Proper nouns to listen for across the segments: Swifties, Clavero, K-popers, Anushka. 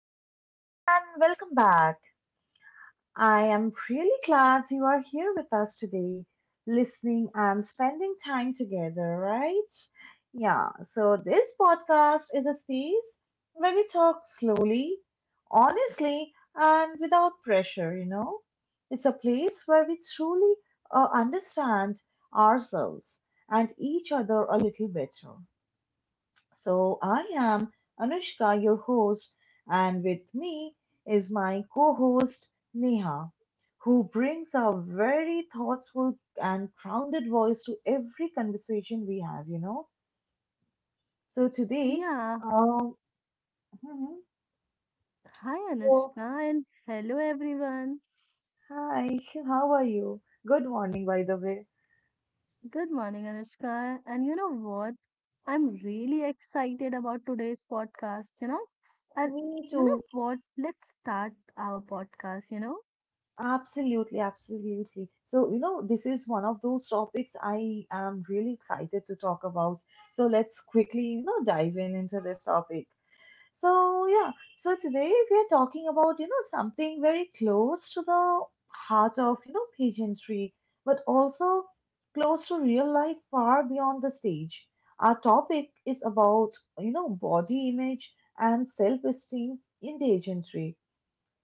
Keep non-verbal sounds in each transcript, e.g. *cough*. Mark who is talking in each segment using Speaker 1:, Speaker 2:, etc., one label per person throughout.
Speaker 1: everyone, and welcome back. I am really glad you are here with us today, listening and spending time together, right? Yeah, so this podcast is a space where we talk slowly, honestly, and without pressure, you know? It's a place where we truly understand ourselves and each other a little better. So I am Anushka, your host, and with me is my co-host Neha, who brings a very thoughtful and grounded voice to every conversation we have, you know. So today,
Speaker 2: Yeah.
Speaker 1: um, mhm,
Speaker 2: Hi,
Speaker 1: so
Speaker 2: Anushka, and hello, everyone.
Speaker 1: hi, *laughs* how are you? Good morning, by the way.
Speaker 2: Good morning, Anushka. And you know what? I'm really excited about today's podcast, And
Speaker 1: Me
Speaker 2: you know
Speaker 1: too.
Speaker 2: what? Let's start our podcast, you know?
Speaker 1: Absolutely, absolutely. So, you know, this is one of those topics I am really excited to talk about. So, let's quickly, you know, dive in into this topic. So, yeah, so today we are talking about, you know, something very close to the heart of, you know, pageantry, but also close to real life far beyond the stage. Our topic is about, you know, body image and self-esteem in pageantry.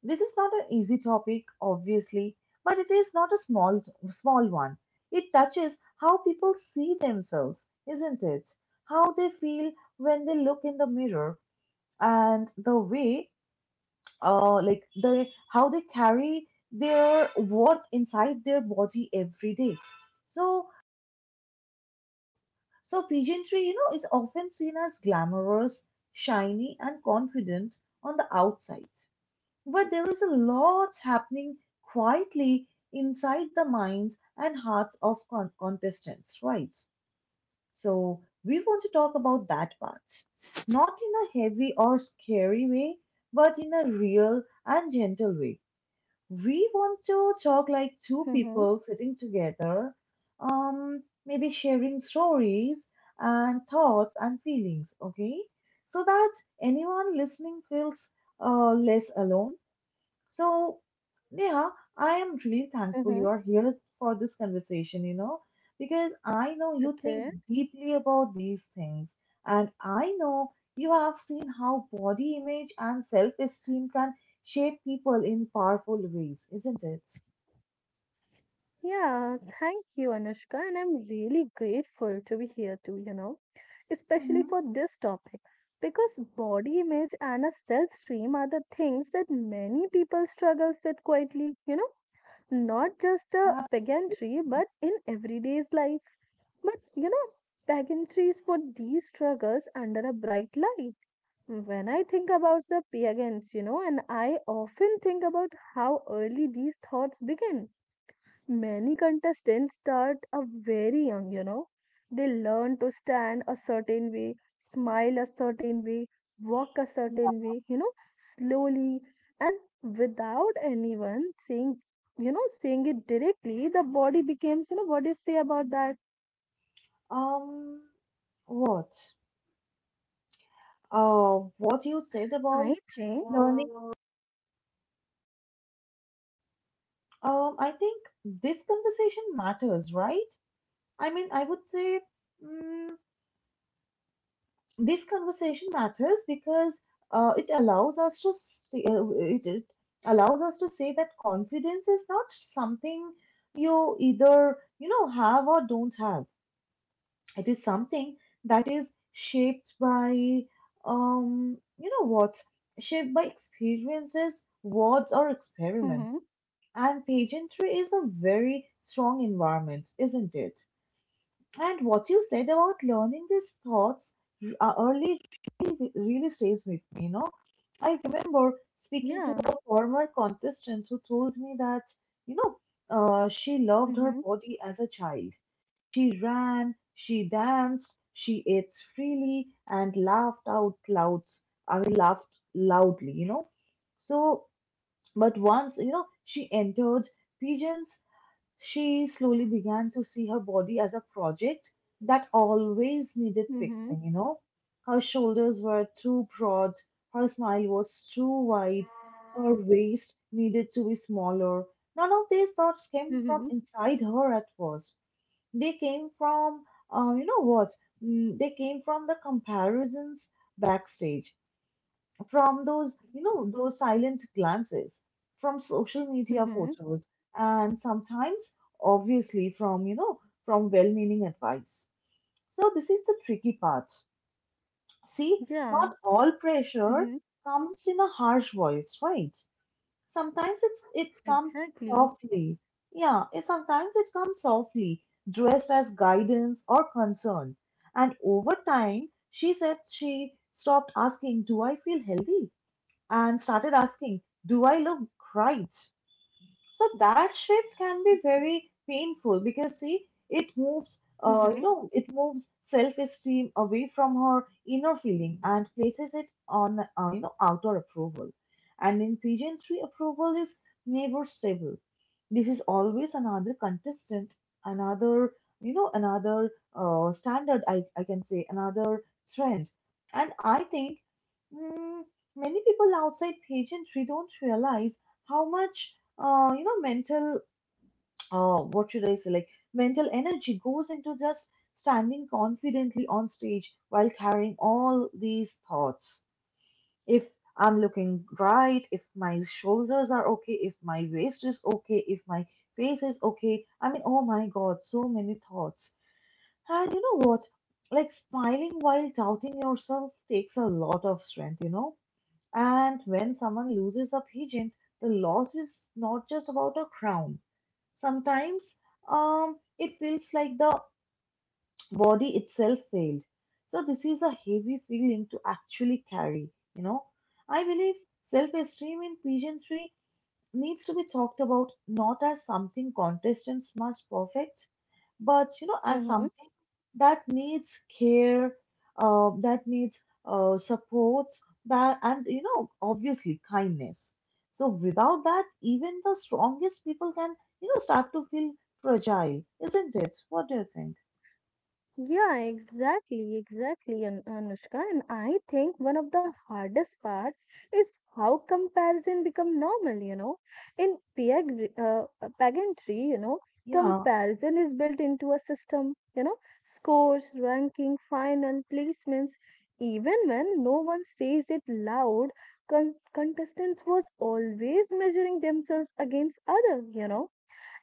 Speaker 1: This is not an easy topic, obviously, but it is not a small one. It touches how people see themselves, isn't it? How they feel when they look in the mirror, and the way, like the how they carry their what inside their body every day. So, so, pageantry, you know, is often seen as glamorous, shiny, and confident on the outside. But there is a lot happening quietly inside the minds and hearts of contestants, right? So we want to talk about that part, not in a heavy or scary way, but in a real and gentle way. We want to talk like two
Speaker 2: Mm-hmm.
Speaker 1: people sitting together, maybe sharing stories and thoughts and feelings, okay? So that anyone listening feels less alone. So, Neha, I am really thankful
Speaker 2: Mm-hmm.
Speaker 1: you are here for this conversation, you know, because I know you think
Speaker 2: Okay.
Speaker 1: deeply about these things, and I know you have seen how body image and self esteem can shape people in powerful ways, isn't it?
Speaker 2: Yeah, thank you, Anushka, and I'm really grateful to be here too, you know, especially
Speaker 1: hmm
Speaker 2: for this topic. Because body image and a self-esteem are the things that many people struggles with quietly, you know, not just a
Speaker 1: Uh,
Speaker 2: pageantry but in everyday's life. But you know, pageantries put these struggles under a bright light. When I think about the pagans, you know, and I often think about how early these thoughts begin. Many contestants start a very young, you know. They learn to stand a certain way, smile a certain way, walk a certain way, you know, slowly and without anyone saying, saying it directly, the body becomes, what do you say about that?
Speaker 1: um, what? What you said
Speaker 2: I
Speaker 1: about
Speaker 2: think.
Speaker 1: learning, I think this conversation matters, right? I mean, I would say. mm This conversation matters because it allows us to say, it it allows us to say that confidence is not something you either you know have or don't have. It is something that is shaped by you know what shaped by experiences, words or experiments.
Speaker 2: Mm-hmm.
Speaker 1: And pageantry is a very strong environment, isn't it? And what you said about learning these thoughts early really, really stays with me, you know. I remember speaking to
Speaker 2: Yeah.
Speaker 1: a former contestant who told me that, you know, she loved her
Speaker 2: Mm-hmm.
Speaker 1: body as a child. She ran, she danced, she ate freely and laughed out loud. I mean, laughed loudly, you know. So, but once, you know, she entered pigeons. She slowly began to see her body as a project that always needed
Speaker 2: Mm-hmm.
Speaker 1: fixing, you know. Her shoulders were too broad, her smile was too wide, her waist needed to be smaller. None of these thoughts came from
Speaker 2: Mm-hmm.
Speaker 1: inside her at first. They came from, uh, you know what? They came from the comparisons backstage, from those, you know, those silent glances, from social media
Speaker 2: Mm-hmm.
Speaker 1: photos, and sometimes, obviously, from, you know, from well meaning advice. So, this is the tricky part. See,
Speaker 2: Yeah.
Speaker 1: not all pressure
Speaker 2: Mm-hmm.
Speaker 1: comes in a harsh voice, right? Sometimes it's, it comes
Speaker 2: Exactly.
Speaker 1: softly. Sometimes it comes softly, dressed as guidance or concern. And over time, she said she stopped asking, Do I feel healthy? And started asking, Do I look right? So that shift can be very painful because see, it
Speaker 2: Mm-hmm.
Speaker 1: moves self-esteem away from her inner feeling and places it on, you know, outer approval. And in pigeon three, approval is never stable. This is always another contestant, another, you know, another standard. I can say another trend. And I think mm, many people outside pigeon 3 don't realize how much you know, mental, what should I say, like mental energy goes into just standing confidently on stage while carrying all these thoughts. If I'm looking right, if my shoulders are okay, if my waist is okay, if my face is okay. I mean, oh my God, so many thoughts. And you know what? Like smiling while doubting yourself takes a lot of strength, you know? And when someone loses a pigeon, the loss is not just about a crown. Sometimes it feels like the body itself failed. So, this is a heavy feeling to actually carry, you know. I believe self esteem in pigeonry needs to be talked about not as something contestants must perfect, but you know as
Speaker 2: Mm-hmm.
Speaker 1: something that needs care, that needs support, that and you know obviously kindness. So without that, even the strongest people can, you know, start to feel fragile, isn't it? What do you think?
Speaker 2: Yeah, exactly, exactly, Anushka. And I think one of the hardest part is how comparison become normal, you know. In pageantry, you know,
Speaker 1: Yeah,
Speaker 2: comparison is built into a system, you know, scores, ranking, final, placements. Even when no one says it loud, contestants was always measuring themselves against other, you know,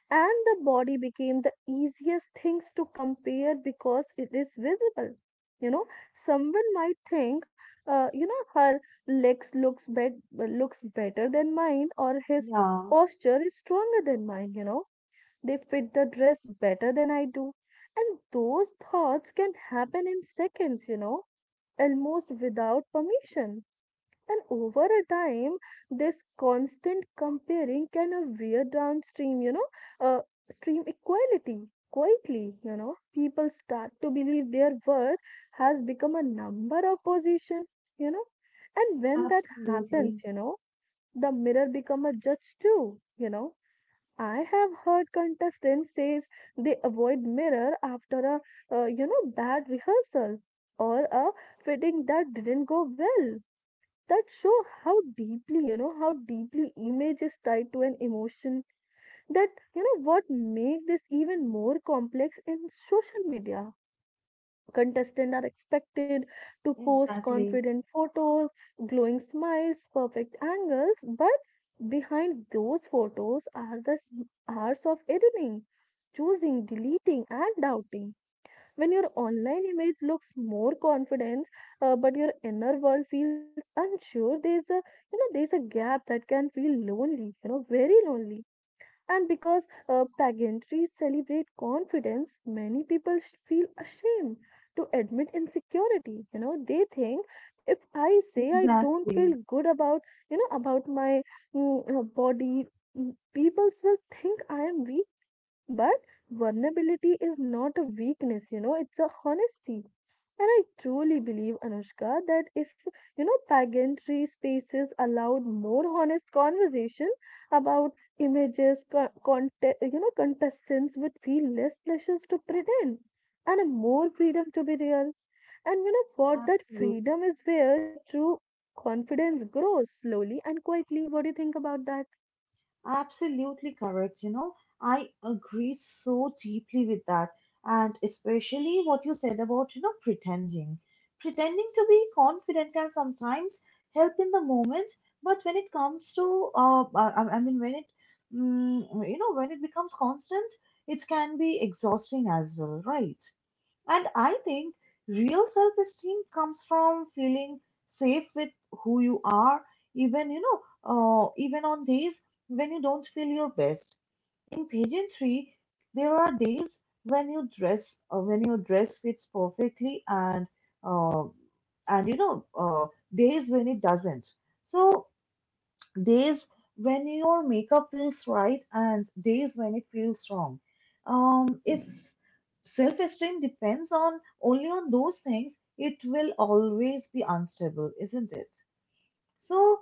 Speaker 2: and the body became the easiest things to compare because it is visible, you know. Someone might think, you know, her legs looks better than mine, or his
Speaker 1: yeah,
Speaker 2: posture is stronger than mine, you know, they fit the dress better than I do. And those thoughts can happen in seconds, you know, almost without permission. And over a time, this constant comparing can, wear downstream, you know, uh, stream equality quietly. You know, people start to believe their worth has become a number of position. You know, and when that happens,
Speaker 1: absolutely,
Speaker 2: you know, the mirror become a judge too. You know, I have heard contestants says they avoid mirror after a, you know, bad rehearsal or a fitting that didn't go well. That show how deeply, how deeply image is tied to an emotion. That you know what, make this even more complex in social media. Contestants are expected to post
Speaker 1: exactly,
Speaker 2: confident photos, glowing smiles, perfect angles, but behind those photos are hours of editing, choosing, deleting, and doubting. When your online image looks more confidence, but your inner world feels unsure, there's a gap that can feel lonely, you know, very lonely. And because, pageantries celebrate confidence, many people feel ashamed to admit insecurity, you know. They think, if I say I don't
Speaker 1: exactly,
Speaker 2: feel good about, you know, about my, body, people will think I am weak. But vulnerability is not a weakness, you know, it's a honesty. And I truly believe, Anushka, that if, you know, pageantry spaces allowed more honest conversation about images, you know, contestants would feel less pressures to pretend and more freedom to be real. And, you know, what that
Speaker 1: absolutely.
Speaker 2: freedom is where true confidence grows slowly and quietly. What do you think about that?
Speaker 1: Absolutely correct. You know, I agree so deeply with that. And especially what you said about, you know, pretending. Pretending to be confident can sometimes help in the moment, but when it comes to, I mean, when it, you know, when it becomes constant, it can be exhausting as well, right? And I think real self esteem comes from feeling safe with who you are, even, you know, even on days when you don't feel your best. In pageantry, there are days when your dress fits perfectly uh, and you know, days when it doesn't. So days when your makeup feels right and days when it feels wrong. If self esteem depends on only on those things, it will always be unstable, isn't it? So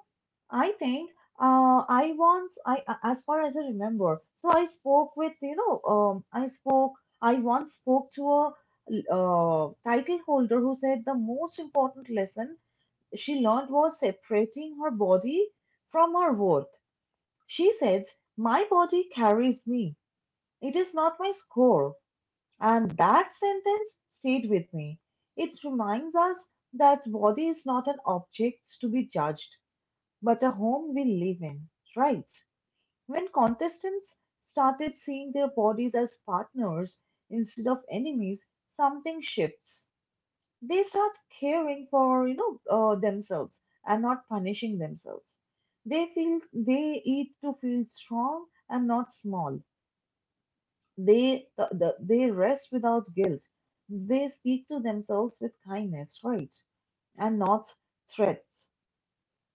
Speaker 1: I think I once, I a- as far as I remember, so I spoke with you know, I spoke, I once spoke to a title holder who said the most important lesson she learned was separating her body from her worth. She says, My body carries me. It is not my score. And that sentence stayed with me. It reminds us that body is not an object to be judged, but a home we live in, right? When contestants started seeing their bodies as partners instead of enemies, something shifts. They start caring for you know themselves and not punishing themselves. They feel they eat to feel strong and not small. They rest without guilt. They speak to themselves with kindness, right, and not threats.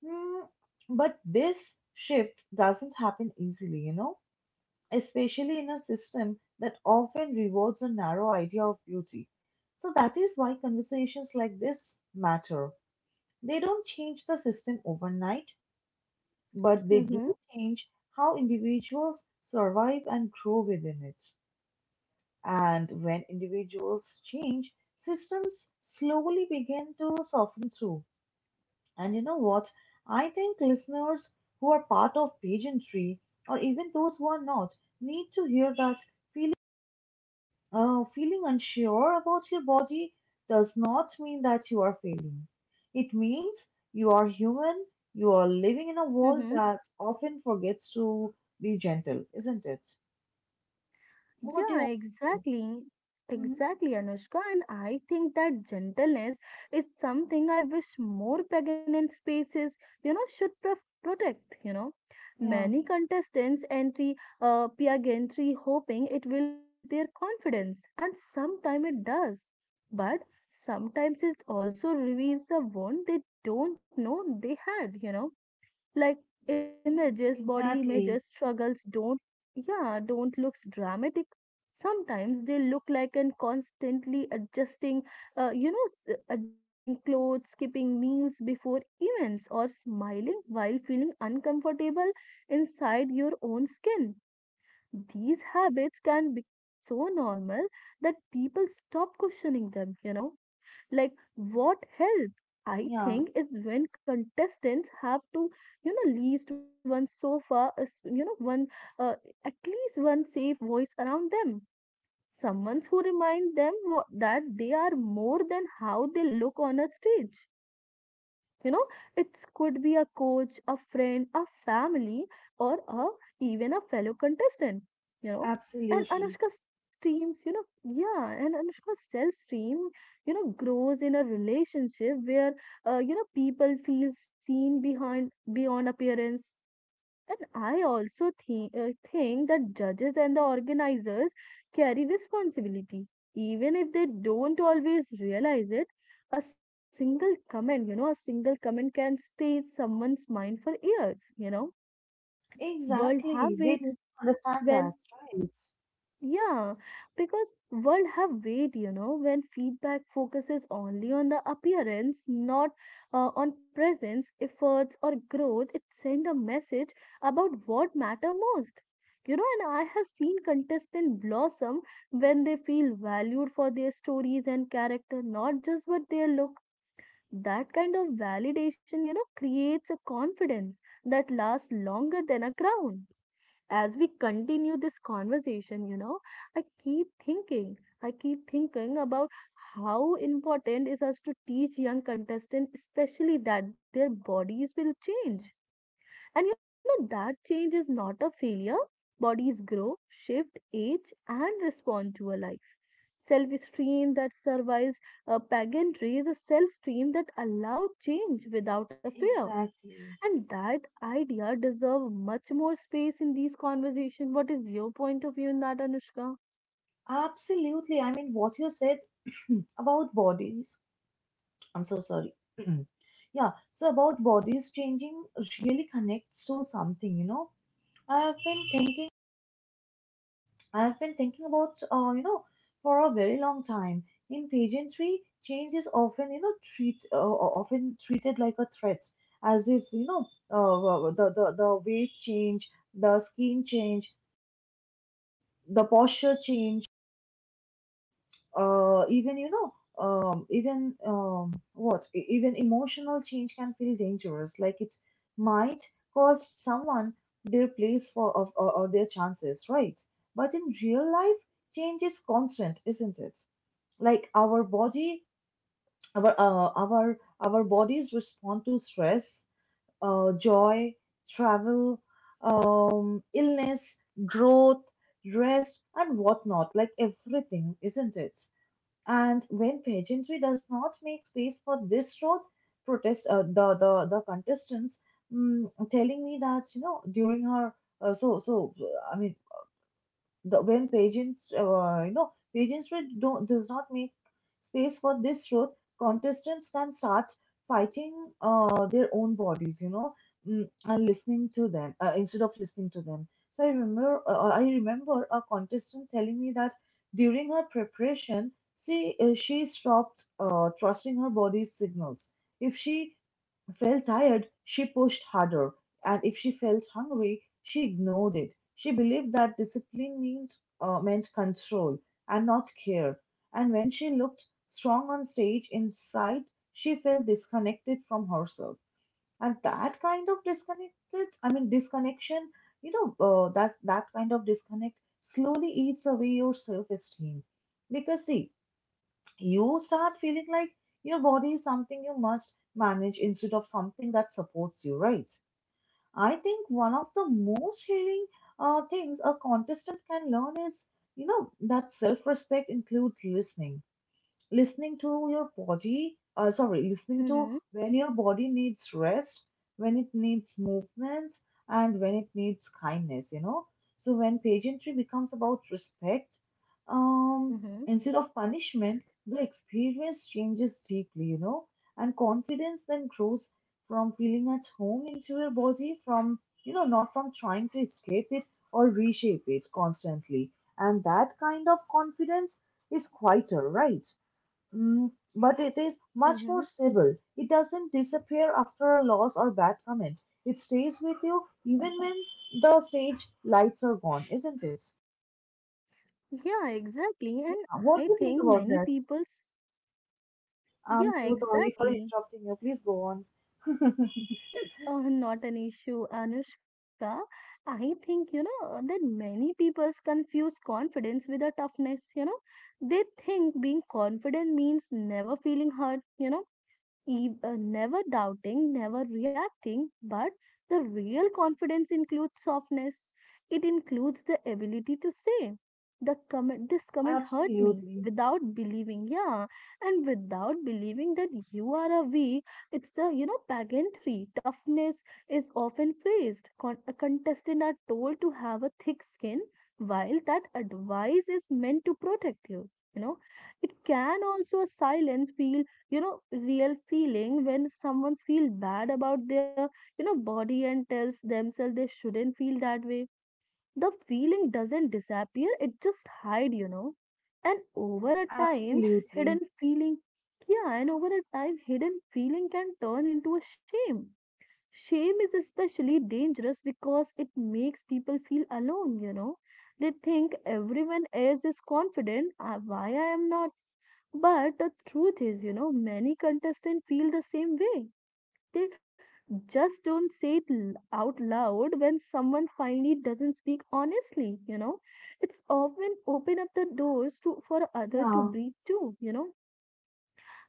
Speaker 1: Hmm, but this shift doesn't happen easily, you know, especially in a system that often rewards a narrow idea of beauty. So that is why conversations like this matter. They don't change the system overnight, but they do
Speaker 2: Mm-hmm.
Speaker 1: change how individuals survive and grow within it. And when individuals change, systems slowly begin to soften too. And you know what? I think listeners who are part of pageantry, or even those who are not, need to hear that. Feeling unsure about your body does not mean that you are failing. It means you are human, you are living in a world
Speaker 2: Mm-hmm.
Speaker 1: that often forgets to be gentle, isn't it? What do you
Speaker 2: Yeah,
Speaker 1: have to say?
Speaker 2: exactly.
Speaker 1: Mhm.
Speaker 2: Exactly, Anushka. And I think that gentleness is something I wish more pregnant spaces, you know, protect, you know.
Speaker 1: Yeah,
Speaker 2: Many contestants entry, pageantry hoping it will build their confidence, and sometimes it does. But sometimes it also reveals a wound they don't know they had, you know, like images, body images,
Speaker 1: exactly.
Speaker 2: struggles don't, yeah, don't look dramatic. Sometimes they look like an constantly adjusting, you know, adjusting clothes, skipping meals before events, or smiling while feeling uncomfortable inside your own skin. These habits can become so normal that people stop questioning them, you know, like what help? I
Speaker 1: Yeah,
Speaker 2: think is when contestants have to, you know, least one sofa, is- you know, one uh, at least one safe voice around them. Someone who remind them what, that they are more than how they look on a stage, you know. It could be a coach, a friend, a family, or a even a fellow contestant, you know. And
Speaker 1: absolutely.
Speaker 2: Anushka's self streams you know yeah, and Anushka's self stream, you know, grows in a relationship where, you know, people feel seen behind beyond appearance. And I also think, that judges and the organizers carry responsibility even if they don't always realize it. A single comment, you know, a single comment can stay in someone's mind for years, you know. World have
Speaker 1: Exactly. They need
Speaker 2: weights
Speaker 1: to understand that,
Speaker 2: when,
Speaker 1: right?
Speaker 2: yeah, because world have weight, you know, when feedback focuses only on the appearance, not, on presence, efforts, or growth, it sends a message about what matter most. You know, and I have seen contestants blossom when they feel valued for their stories and character, not just what they look. That kind of validation, you know, creates a confidence that lasts longer than a crown. As we continue this conversation, you know, I keep thinking, I keep thinking about how important is us to teach young contestants, especially that their bodies will change, and you know, that change is not a failure. Bodies grow, shift, age, and respond to a life. Self stream that survives a pageantry is a self stream that allows change without a fear.
Speaker 1: Exactly.
Speaker 2: And that idea deserves much more space in these conversations. What is your point of view in that, Anushka?
Speaker 1: Absolutely. I mean, what you said *clears throat* about bodies I'm so sorry. *clears throat* Yeah, so about bodies changing really connects to something, you know. I have been thinking, I have been thinking about, you know, for a very long time. In pageantry, change is often, you know, treated like a threat, as if you know, the weight change, the skin change, the posture change, even you know even emotional change can feel dangerous, like it might cost someone their place or their chances, right? But in real life, change is constant, isn't it? Like our body, our bodies respond to stress, joy, travel, illness, growth, rest and whatnot, like everything, isn't it? And when pageantry does not make space for this road, protest the contestants mm telling me that you know during her so so I mean the, when pageantry don't, does not make space for this truth, contestants can start fighting their own bodies, you know, mm, and listening to them instead of listening to them. So I remember a contestant telling me that during her preparation, she stopped trusting her body's signals. If she felt tired, she pushed harder, and if she felt hungry, she ignored it. She believed that discipline meant control and not care. And when she looked strong on stage, inside, she felt disconnected from herself. And that kind of disconnected, I mean, disconnection, you know, that, that kind of disconnect slowly eats away your self esteem. Because, see, you start feeling like your body is something you must manage instead of something that supports you, right? I think one of the most healing things a contestant can learn is, you know, that self respect includes listening to your body, listening to
Speaker 2: Mm-hmm,
Speaker 1: when your body needs rest, when it needs movement, and when it needs kindness, you know. So when pageantry becomes about respect, um,
Speaker 2: mm-hmm,
Speaker 1: instead of punishment, the experience changes deeply, you know, and confidence then grows from feeling at home into your body, from, you know, not from trying to escape it or reshape it constantly. And that kind of confidence is quieter, right? But it is much
Speaker 2: mm-hmm.
Speaker 1: more stable. It doesn't disappear after a loss or bad comment. It stays with you even when the stage lights are gone, isn't it?
Speaker 2: Yeah, exactly.
Speaker 1: Yeah.
Speaker 2: And
Speaker 1: What
Speaker 2: I
Speaker 1: do you think
Speaker 2: think
Speaker 1: about
Speaker 2: many
Speaker 1: that?
Speaker 2: people's.
Speaker 1: I'm
Speaker 2: Yeah,
Speaker 1: so sorry for
Speaker 2: exactly.
Speaker 1: interrupting you. Please go on. *laughs*
Speaker 2: Oh, not an issue, Anushka. I think, you know, that many people confuse confidence with a toughness, you know. They think being confident means never feeling hurt, you know, never doubting, never reacting, but the real confidence includes softness. It includes the ability to say, this comment hurt me
Speaker 1: Absolutely.
Speaker 2: without believing, yeah, and without believing that you are a weak. It's the, you know, pageantry. Toughness is often phrased. A contestant are told to have a thick skin, while that advice is meant to protect you. You know, it can also silence feel, you know, real feeling. When someone feels bad about their, you know, body and tells themselves they shouldn't feel that way, the feeling doesn't disappear, it just hide, you know. And over a time
Speaker 1: Absolutely.
Speaker 2: hidden feeling yeah, and over a time hidden feeling can turn into a shame. Shame is especially dangerous because it makes people feel alone, you know. They think everyone else is confident, why I am not. But the truth is, you know, many contestants feel the same way. They just don't say it out loud. When someone finally doesn't speak honestly, you know, it's often open up the doors to for other to
Speaker 1: Yeah,
Speaker 2: breathe too, you know.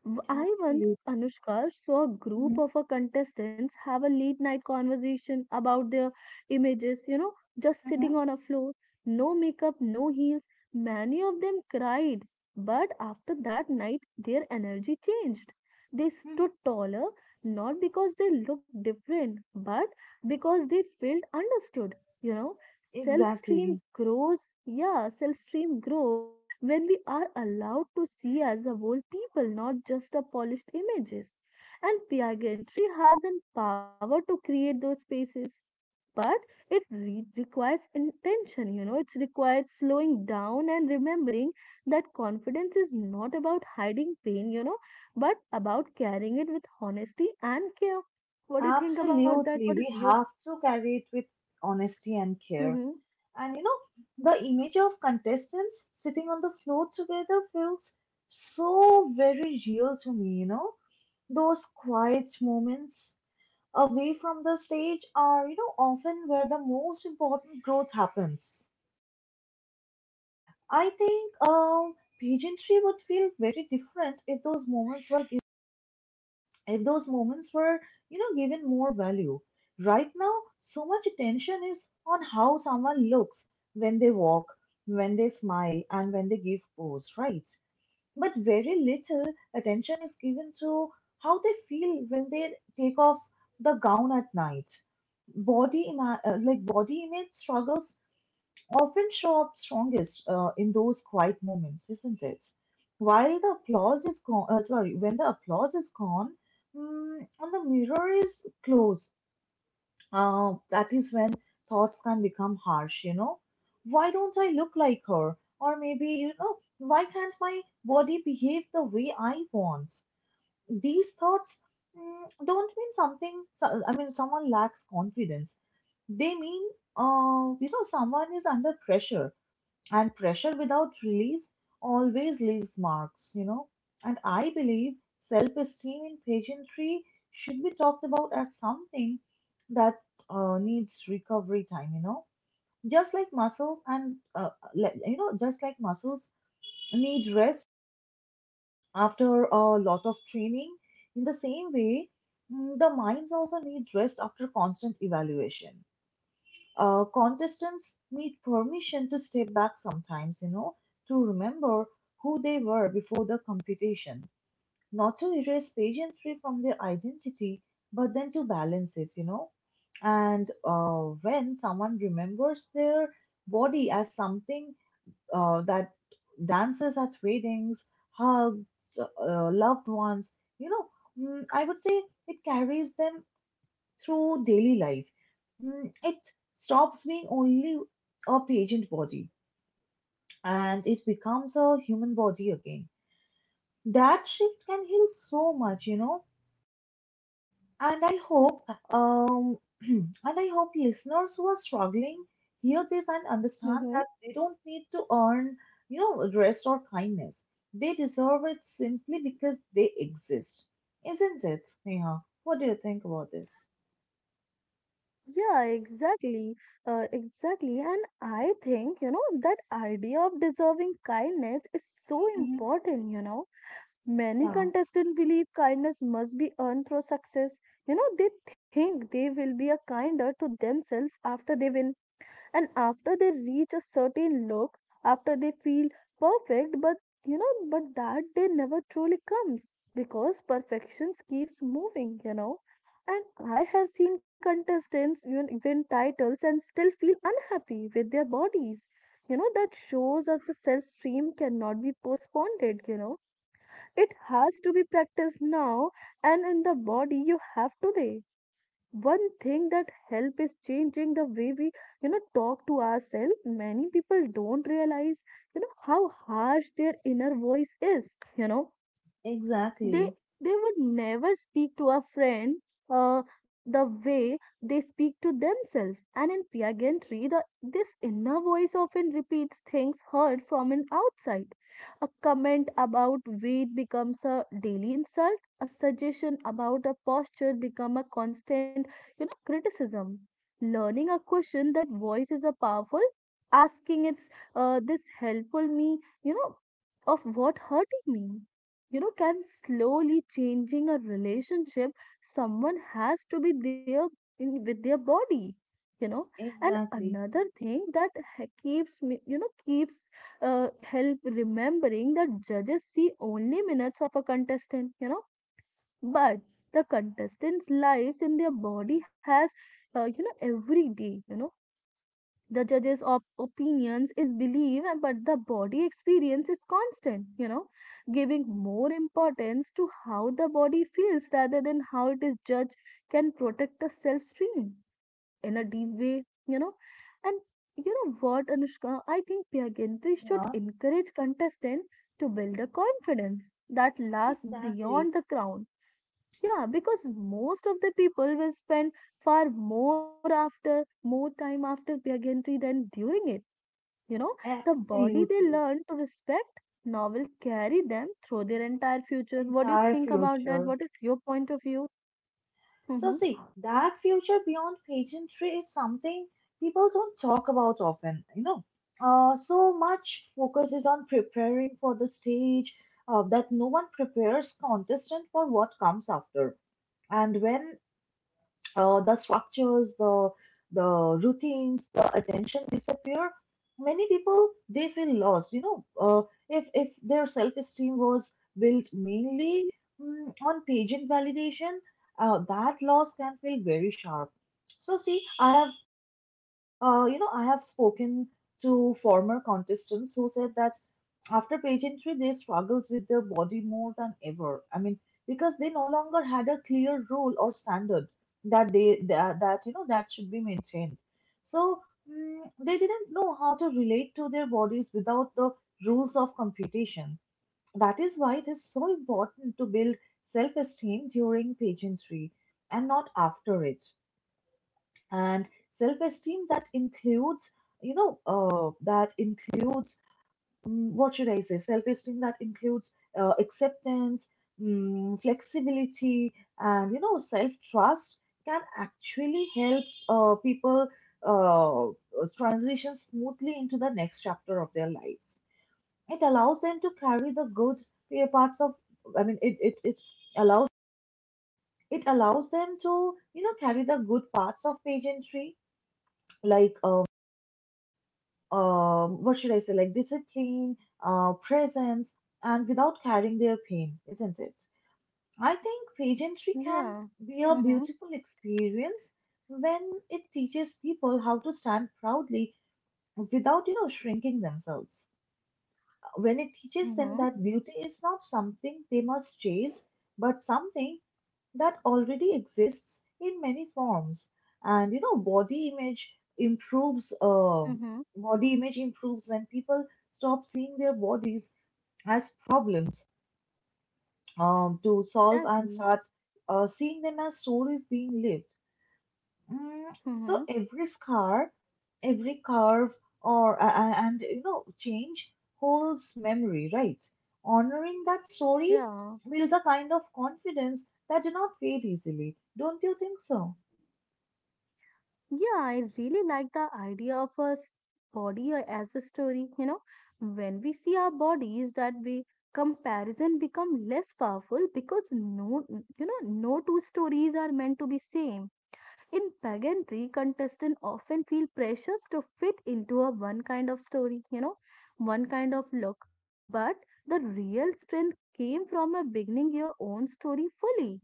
Speaker 2: I once,
Speaker 1: absolutely.
Speaker 2: Anushka, saw a
Speaker 1: Mhm,
Speaker 2: group of our contestants have a late night conversation about their images, you know, just sitting
Speaker 1: mhm,
Speaker 2: on a floor, no makeup, no heels. Many of them cried, but after that night, their energy changed. They
Speaker 1: mhm.
Speaker 2: stood taller, not because they looked different, but because they felt understood, you know. Self-stream
Speaker 1: Exactly.
Speaker 2: grows, yeah, self-stream grows when we are allowed to see as a whole people, not just a polished images. And pageantry has the power to create those spaces, but it requires intention. You know, it requires slowing down and remembering that confidence is not about hiding pain. You know, but about carrying it with honesty and care. What do you think about that? What
Speaker 1: Absolutely.
Speaker 2: is
Speaker 1: We
Speaker 2: your?
Speaker 1: have to carry it with honesty and care.
Speaker 2: Mm-hmm,
Speaker 1: And you know, the image of contestants sitting on the floor together feels so very real to me, you know. Those quiet moments away from the stage are, you know, often where the most important growth happens. I think pageantry would feel very different if those moments were if those moments were you know given more value right now, so much attention is on how someone looks when they walk, when they smile, and when they give pose, right? But very little attention is given to how they feel when they take off the gown at night. Body image struggles often show up strongest in those quiet moments, isn't it? While the applause is gone, sorry, when the applause is gone, and the mirror is closed, that is when thoughts can become harsh, you know. Why don't I look like her? Or maybe, you know, why can't my body behave the way I want? These thoughts don't mean something, so- I mean, someone lacks confidence. They mean, you know, someone is under pressure, and pressure without release always leaves marks, you know. And I believe self-esteem in pageantry should be talked about as something that needs recovery time, you know. Just like muscles and like- you know just like muscles need rest after a lot of training, in the same way, the minds also need rest after constant evaluation. Contestants need permission to step back sometimes, you know, to remember who they were before the competition, not to erase pageantry from their identity, but then to balance it, you know. And when someone remembers their body as something that dances at weddings, hugs, loved ones, you know, I would say it carries them through daily life. It stops being only a patient body and it becomes a human body again. That shift can heal so much, you know. And I hope, um, *clears throat* and I hope listeners who are struggling hear this and understand that
Speaker 2: mm-hmm.
Speaker 1: they don't need to earn, you know, rest or kindness. They deserve it simply because they exist, isn't it, Sneha? What do you think about this?
Speaker 2: Yeah, exactly. Exactly. And I think, you know, that idea of deserving kindness is so
Speaker 1: Mhm.
Speaker 2: important, you know. Many
Speaker 1: Yeah,
Speaker 2: contestants believe kindness must be earned through success. You know, they think they will be a kinder to themselves after they win, and after they reach a certain look, after they feel perfect. But you know, but that day never truly comes because perfection keeps moving, you know. And I have seen contestants win, win titles and still feel unhappy with their bodies, you know. That shows that the self stream cannot be postponed, you know, it has to be practiced now and in the body you have today. One thing that help is changing the way we, you know, talk to ourselves. Many people don't realize, you know, how harsh their inner voice is, you know. they
Speaker 1: exactly.
Speaker 2: they would never speak to a friend, the way they speak to themselves. And in Pia Gentry, the this inner voice often repeats things heard from an outside. A comment about weight becomes a daily insult, a suggestion about a posture become a constant, you know, criticism. Learning a question that voice is a powerful, asking it's, this helpful me, you know, of what hurting me, you know, can slowly changing a relationship someone has to be there in, with their body, you know. And
Speaker 1: Exactly.
Speaker 2: another thing that keeps me, keeps help remembering that judges see only minutes of a contestant, you know, but the contestants' lives in their body has, every day, you know, the judges of opinions is belief but the body experience is constant, you know. Giving more importance to how the body feels rather than how it is judged can protect the self stream in a deep way, you know. And you know what, Anushka, I think pyagantri should
Speaker 1: Yeah,
Speaker 2: encourage contestants to build a confidence that lasts
Speaker 1: exactly.
Speaker 2: beyond the crown. Yeah, because most of the people will spend far more after more time after pageantry than during it. You know, the body they
Speaker 1: Absolutely.
Speaker 2: learn to respect now will carry them through their entire future. What do you
Speaker 1: Entire
Speaker 2: think about that?
Speaker 1: future.
Speaker 2: What is your point of view?
Speaker 1: So, see,
Speaker 2: Mm-hmm.
Speaker 1: that future beyond pageantry is something people don't talk about often, you know. So much focus is on preparing for the stage that no one prepares contestant for what comes after. And when the structures, the routines, the attention disappear. Many people they feel lost. You know, if their self esteem was built mainly on pageant validation, that loss can feel very sharp. So see, I have you know, I have spoken to former contestants who said that after pageantry, they struggled with their body more than ever. I mean, because they no longer had a clear rule or standard that you know that should be maintained. So, they didn't know how to relate to their bodies without the rules of competition. That is why it is so important to build self-esteem during pageantry and not after it, and self-esteem that includes you know that includes mm, what should I say self-esteem that includes acceptance, flexibility, and you know self-trust can actually help people uh, transition smoothly into the next chapter of their lives. It allows them to carry the good parts of I mean it it, allows it allows them to you know carry the good parts of pageantry, like what should I say, like discipline, presence, and without carrying their pain, isn't it? I think pageantry can
Speaker 2: Yeah.
Speaker 1: be a
Speaker 2: Mm-hmm.
Speaker 1: beautiful experience when it teaches people how to stand proudly without, you know, shrinking themselves, when it teaches them
Speaker 2: Mm-hmm.
Speaker 1: that beauty is not something they must chase, but something that already exists in many forms. And you know, body image improves. Uh,
Speaker 2: Mm-hmm.
Speaker 1: body image improves when people stop seeing their bodies as problems to solve and
Speaker 2: Exactly.
Speaker 1: start seeing them as stories being lived. Mm,
Speaker 2: Mm-hmm.
Speaker 1: so every scar, every carve, and you know, change holds memory, right? Honoring that story
Speaker 2: Yeah.
Speaker 1: builds a kind of confidence that do not fade easily. Don't you think so?
Speaker 2: Yeah, I really like the idea of a body as a story. You know, when we see our bodies, that we comparison become less powerful because no, you know, no two stories are meant to be same. In pageantry, contestants often feel pressures to fit into a one kind of story. You know, one kind of look. But the real strength came from a beginning your own story fully,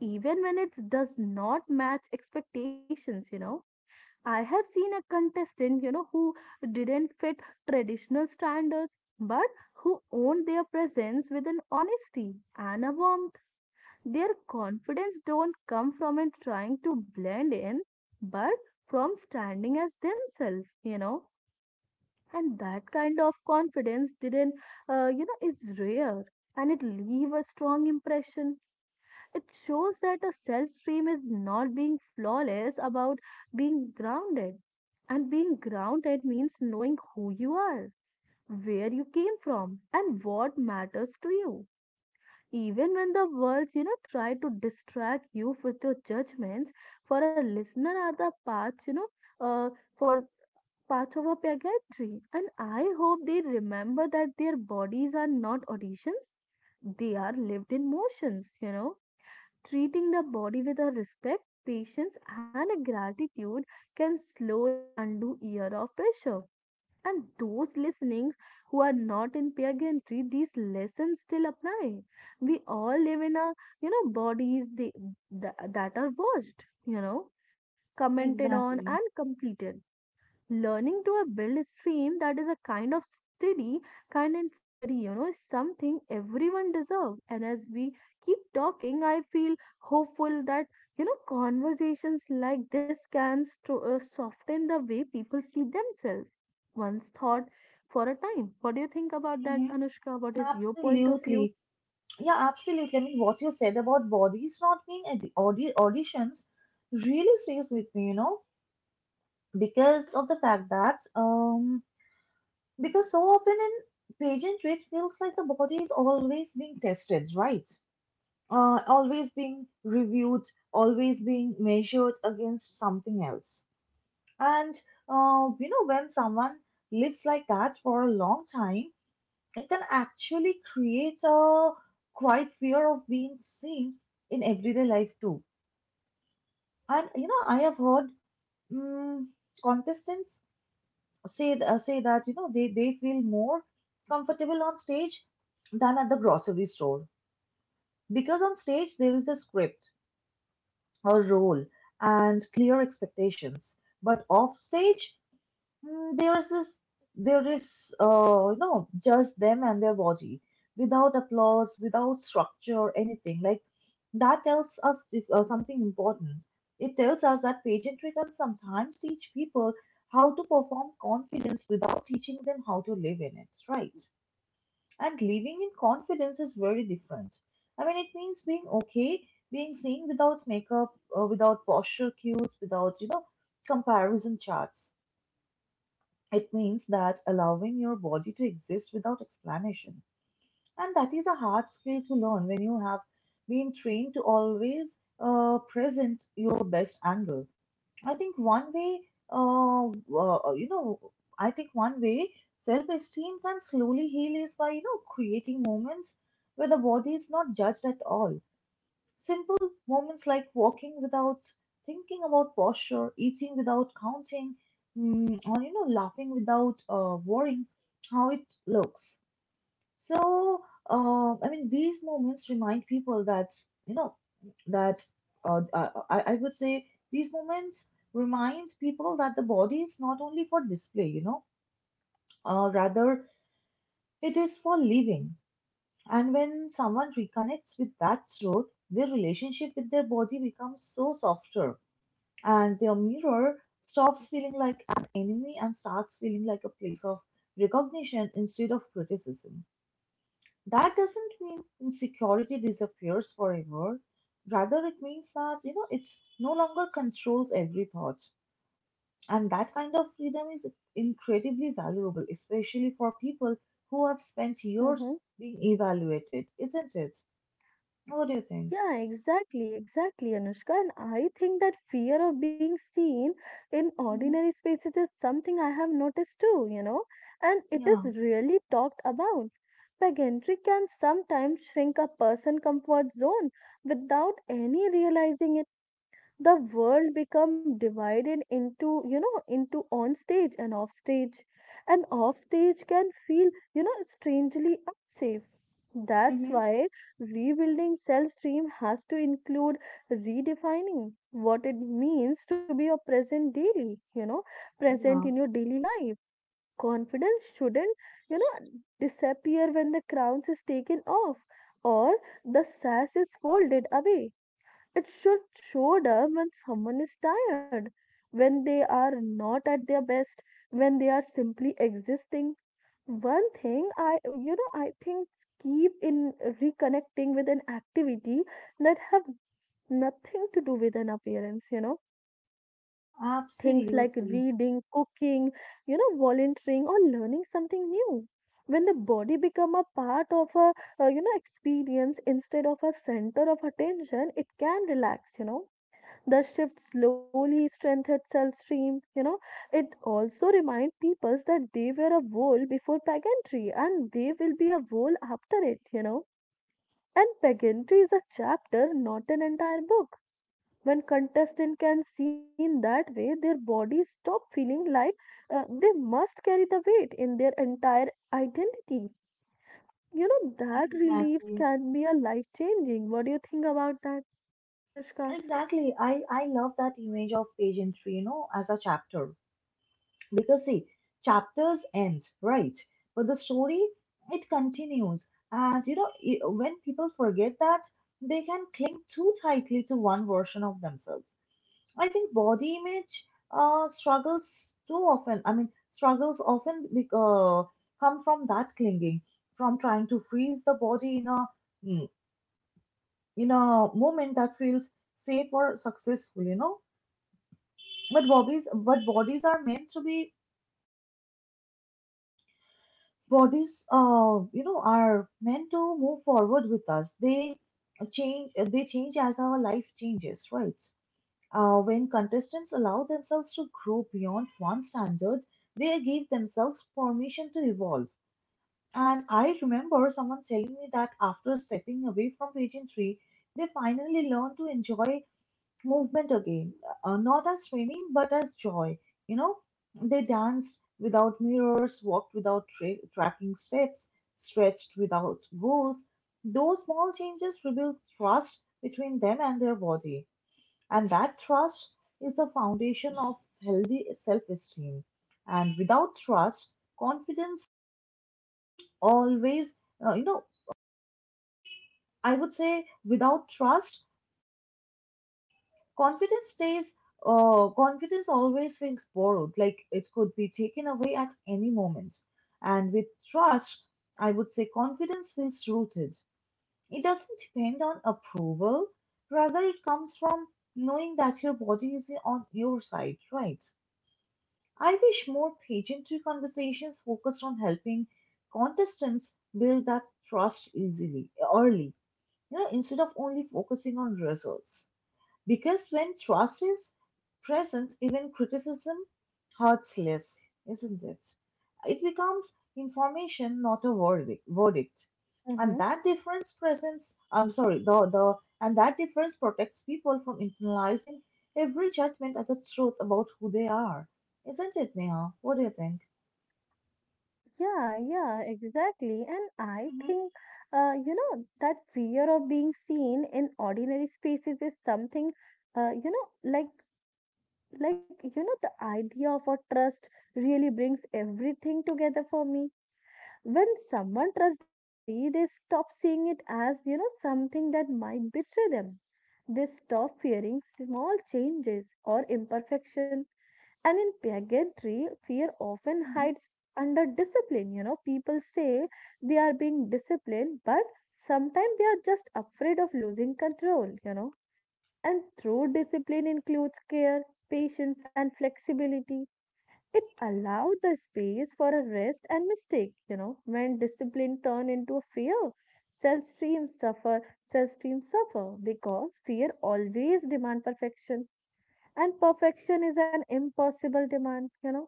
Speaker 2: even when it does not match expectations. You know, I have seen a contestant, you know, who didn't fit traditional standards, but who owned their presence with an honesty and a warmth. Their confidence don't come from it trying to blend in, but from standing as themselves, you know. And that kind of confidence didn't, it's rare and it leave a strong impression. It shows that a self stream is not being flawless about being grounded. And being grounded means knowing who you are, where you came from, and what matters to you. Even when the words, you know, try to distract you with your judgments, for a listener are the paths, uh, for parts of a pageantry. And I hope they remember that their bodies are not auditions, they are lived in motions, you know. Treating the body with a respect, patience, and a gratitude can slowly undo year of pressure. And those listenings who are not in peer gantry, these lessons still apply. We all live in a, you know, bodies they, that are watched, you know, commented on and
Speaker 1: Exactly.
Speaker 2: completed. Learning to a build stream that is a kind of steady, kind and steady, you know, is something everyone deserves. And as we keep talking, I feel hopeful that, you know, conversations like this can soften the way people see themselves once thought for a time. What do you think about
Speaker 1: Hmm.
Speaker 2: that, Anushka? What is your point of view?
Speaker 1: Absolutely. Yeah, absolutely. I mean, what you said about bodies not being auditions really stays with me, you know, because of the fact that because so often in pageantry, it feels like the body is always being tested, right? Always being reviewed, always being measured against something else. And you know, when someone lives like that for a long time, it can actually create a quite fear of being seen in everyday life too. And you know, I have heard um, contestants say that you know they feel more comfortable on stage than at the grocery store, because on stage there is a script, a role, and clear expectations. But off stage, Mm, there's this there is you know just them and their body, without applause, without structure, or anything like that tells us something important. It tells us that pageantry can sometimes teach people how to perform confidence without teaching them how to live in it, right? And living in confidence is very different. I mean, it means being okay being seen without makeup, without posture cues, without you know comparison charts. It means that allowing your body to exist without explanation. And that is a hard skill to learn when you have been trained to always present your best angle. I think one way, you know, I think one way self esteem can slowly heal is by, you know, creating moments where the body is not judged at all. Simple moments like walking without thinking about posture, eating without counting, or you know, laughing without worrying how it looks. So, I mean, these moments remind people that you know that I would say these moments remind people that the body is not only for display, you know, rather it is for living. And when someone reconnects with that truth, their relationship with their body becomes so softer, and their mirror stops feeling like an enemy and starts feeling like a place of recognition instead of criticism. That doesn't mean insecurity disappears forever. Rather, it means that you know it's no longer controls every thought, and that kind of freedom is incredibly valuable, especially for people who have spent
Speaker 2: Hmm.
Speaker 1: years being evaluated, isn't it? What do you think?
Speaker 2: Yeah, exactly, exactly, Anushka. And I think that fear of being seen in
Speaker 1: Hmm.
Speaker 2: ordinary spaces is something I have noticed too, you know, and it
Speaker 1: Yeah,
Speaker 2: is really talked about. Pageantry can sometimes shrink a person comfort zone without any realizing it. The world become divided into, you know, into on stage and off stage, and off stage can feel, you know, strangely unsafe. That's
Speaker 1: hmm,
Speaker 2: why rebuilding self stream has to include redefining what it means to be your present daily, you know, present in
Speaker 1: yeah,
Speaker 2: your daily life. Confidence shouldn't, you know, disappear when the crown is taken off or the sash is folded away. It should show them when someone is tired, when they are not at their best, when they are simply existing. One thing I, you know, I think keep in reconnecting with an activity that have nothing to do with an appearance, you know. Things like reading,
Speaker 1: absolutely.
Speaker 2: cooking, you know, volunteering or learning something new. When the body become a part of a, experience instead of a center of attention, it can relax, you know. The shift slowly strengthened self-stream, you know. It also reminds peoples that they were a whole before pageantry and they will be a whole after it, you know. And pageantry is a chapter, not an entire book. When contestant can see in that way, their bodies stop feeling like they must carry the weight in their entire identity, you know. That reliefs
Speaker 1: Exactly.
Speaker 2: can be a life changing. What do you think about that, Anushka?
Speaker 1: Exactly. I love that image of pageantry, you know, as a chapter. Because, see, chapters end, right? But the story, it continues. And, you know, when people forget that, they can cling too tightly to one version of themselves. I think body image struggles too often. I mean, struggles often come from that clinging, from trying to freeze the body in a mm, in a moment that feels safe or successful. You know, but bodies are meant to be bodies, are meant to move forward with us. They change. They change as our life changes, right? When contestants allow themselves to grow beyond one standard, they give themselves permission to evolve. And I remember someone telling me that after stepping away from pageantry, three, they finally learned to enjoy movement again, not as training but as joy. You know, they danced without mirrors, walked without tracking steps, stretched without rules. Those small changes rebuilt trust between them and their body, and that trust is the foundation of healthy self esteem. And without trust, confidence always, you know, I would say without trust, confidence stays, confidence always feels borrowed, like it could be taken away at any moment. And with trust, I would say confidence feels rooted. It doesn't depend on approval, rather, it comes from knowing that your body is on your side, right? I wish more pageantry conversations focused on helping contestants build that trust easily, early, instead of only focusing on results. Because when trust is present, even criticism hurts less, isn't it? It becomes information, not a verdict. And
Speaker 2: Mhm.
Speaker 1: that difference presents, I'm sorry, the, and that difference protects people from internalizing every judgment as a truth about who they are. Isn't it, Neha? What do you think?
Speaker 2: Yeah, yeah, exactly. And I
Speaker 1: Mm-hmm.
Speaker 2: think, that fear of being seen in ordinary spaces is something, uh, you know, like, like, the idea of a trust really brings everything together for me. When someone trusts their body, they stop seeing it as, you know, something that might betray them. They stop fearing small changes or imperfection, and in pageantry, fear often
Speaker 1: Mm-hmm.
Speaker 2: hides under discipline. You know, people say they are being disciplined, but sometimes they are just afraid of losing control, you know. And true discipline includes care, patience, and flexibility. It allows the space for a rest and mistake, you know. When discipline turn into a fear, self-stream suffer because fear always demand perfection, and perfection is an impossible demand, you know.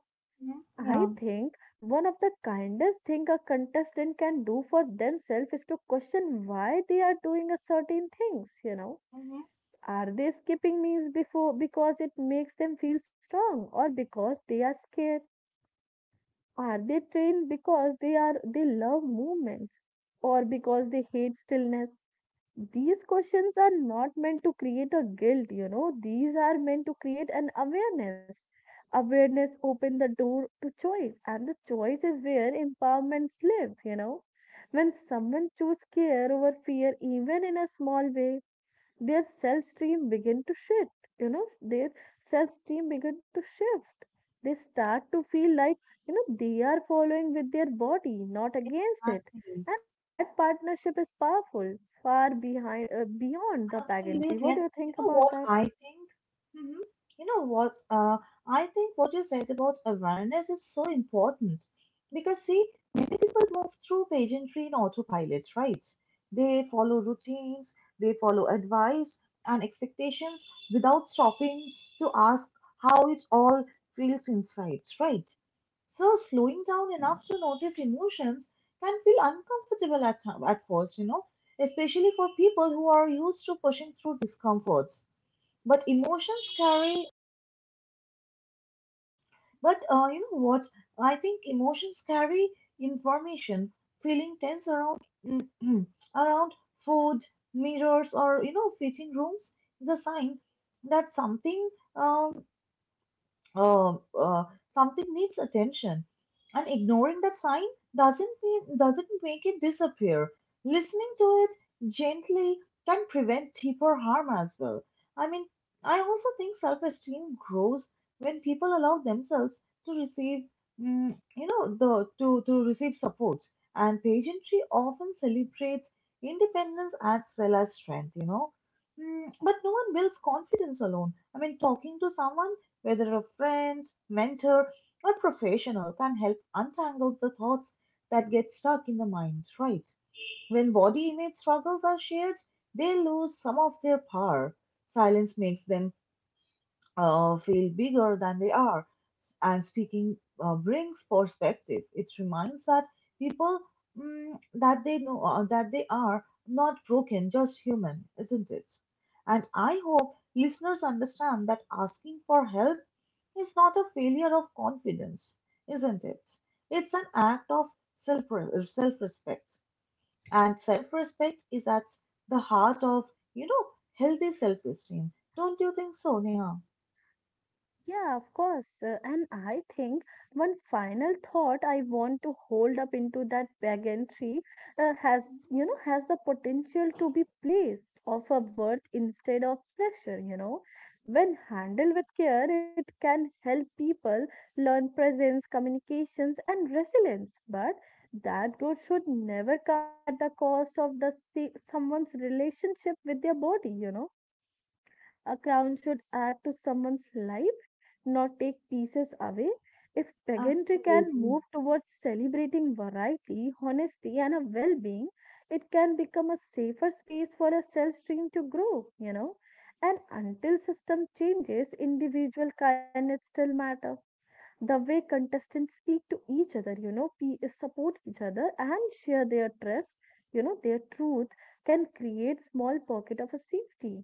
Speaker 2: I
Speaker 1: Yeah.
Speaker 2: think one of the kindest thing a contestant can do for themselves is to question why they are doing a certain things, you know.
Speaker 1: Mm-hmm.
Speaker 2: Are they skipping meals before because it makes them feel strong or because they are scared? Are they trained because they love movements or because they hate stillness? These questions are not meant to create a guilt, you know, these are meant to create an awareness. Awareness open the door to choice, and the choice is where empowerments live, you know. When someone chooses care over fear, even in a small way, their self stream begin to shift. They start to feel like, you know, they are following with their body, not against it.
Speaker 1: Exactly.
Speaker 2: And that partnership is powerful far behind, beyond the pageantry.
Speaker 1: Absolutely.
Speaker 2: What do
Speaker 1: And
Speaker 2: you
Speaker 1: you
Speaker 2: think
Speaker 1: know
Speaker 2: about
Speaker 1: what
Speaker 2: that?
Speaker 1: I think? hmm You know what? I think what you said about awareness is so important because, see, many people move through pageantry in autopilot, right? They follow routines, they follow advice and expectations without stopping to ask how it all feels inside, right? So, slowing down enough to notice emotions can feel uncomfortable at first, you know, especially for people who are used to pushing through discomforts. But emotions carry, but you know what? I think emotions carry information. Feeling tense around *clears throat* around food, mirrors, or you know, fitting rooms is a sign that um, uh, uh, something needs attention, and ignoring that sign doesn't make it disappear. Listening to it gently can prevent deeper harm as well. I mean, I also think self-esteem grows when people allow themselves to receive mm, you know the to Receive support. And pageantry often celebrates independence as well as strength, you know. Mm, but no one builds confidence alone. I mean, talking to someone, whether a friend, mentor, or professional, can help untangle the thoughts that get stuck in the mind, right? When body image struggles are shared, they lose some of their power. Silence makes them feel bigger than they are. And speaking brings perspective. It reminds that people mm, that they know that they are not broken, just human, isn't it? And I hope listeners understand that asking for help is not a failure of confidence, isn't it? It's an act of self self respect, and self respect is at the heart of, you know, healthy self esteem. Don't you think so, Neha?
Speaker 2: Yeah, of course. And I think one final thought I want to hold up into that pageantry uh, has, has the potential to be placed of a worth instead of pressure, you know. When handled with care, it can help people learn presence, communications, and resilience. But that growth should never come at the cost of the someone's relationship with their body, you know. A crown should add to someone's life, not take pieces away. If pageantry can
Speaker 1: Absolutely.
Speaker 2: move towards celebrating variety, honesty, and a well being, it can become a safer space for a self stream to grow, you know. And until system changes, individual kindness still matter. The way contestants speak to each other, you know, support each other and share their trust, you know, their truth, can create small pocket of a safety.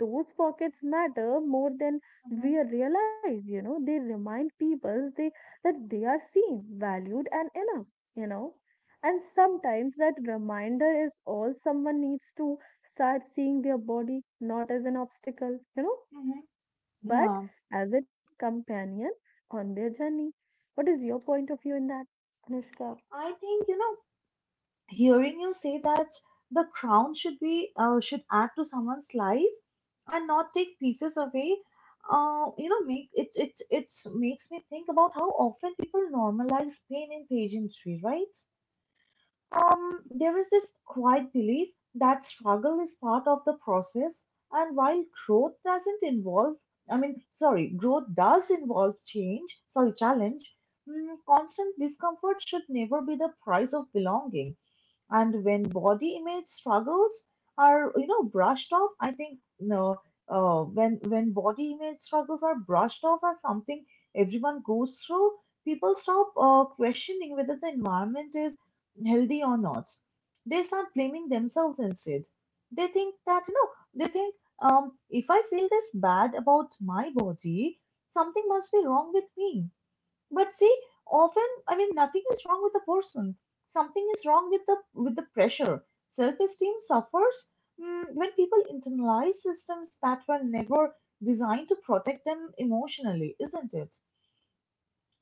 Speaker 2: Those pockets matter more than
Speaker 1: hmm
Speaker 2: we realize, you know. They remind people they that they are seen, valued and enough, you know. And sometimes that reminder is all someone needs to start seeing their body not as an obstacle, you know,
Speaker 1: hmm
Speaker 2: but
Speaker 1: Yeah,
Speaker 2: as its companion on their journey. What is your point of view in that, Anushka?
Speaker 1: I think, you know, hearing you say that the crown should add to someone's life and not take pieces away. You know, make it it it makes me think about how often people normalize pain in pageantry, right? There is this quiet belief that struggle is part of the process, and while growth doesn't involve, I mean, sorry, growth does involve challenge, mm, constant discomfort should never be the price of belonging. And when body image struggles are, you know, brushed off, I think no, when body image struggles are brushed off as something everyone goes through, people stop questioning whether the environment is healthy or not. They start blaming themselves instead. They think that, you know, they think, if I feel this bad about my body, something must be wrong with me. But see, often, I mean, nothing is wrong with the person. Something is wrong with the pressure. Self-esteem suffers, mm, when people internalize systems that were never designed to protect them emotionally, isn't it?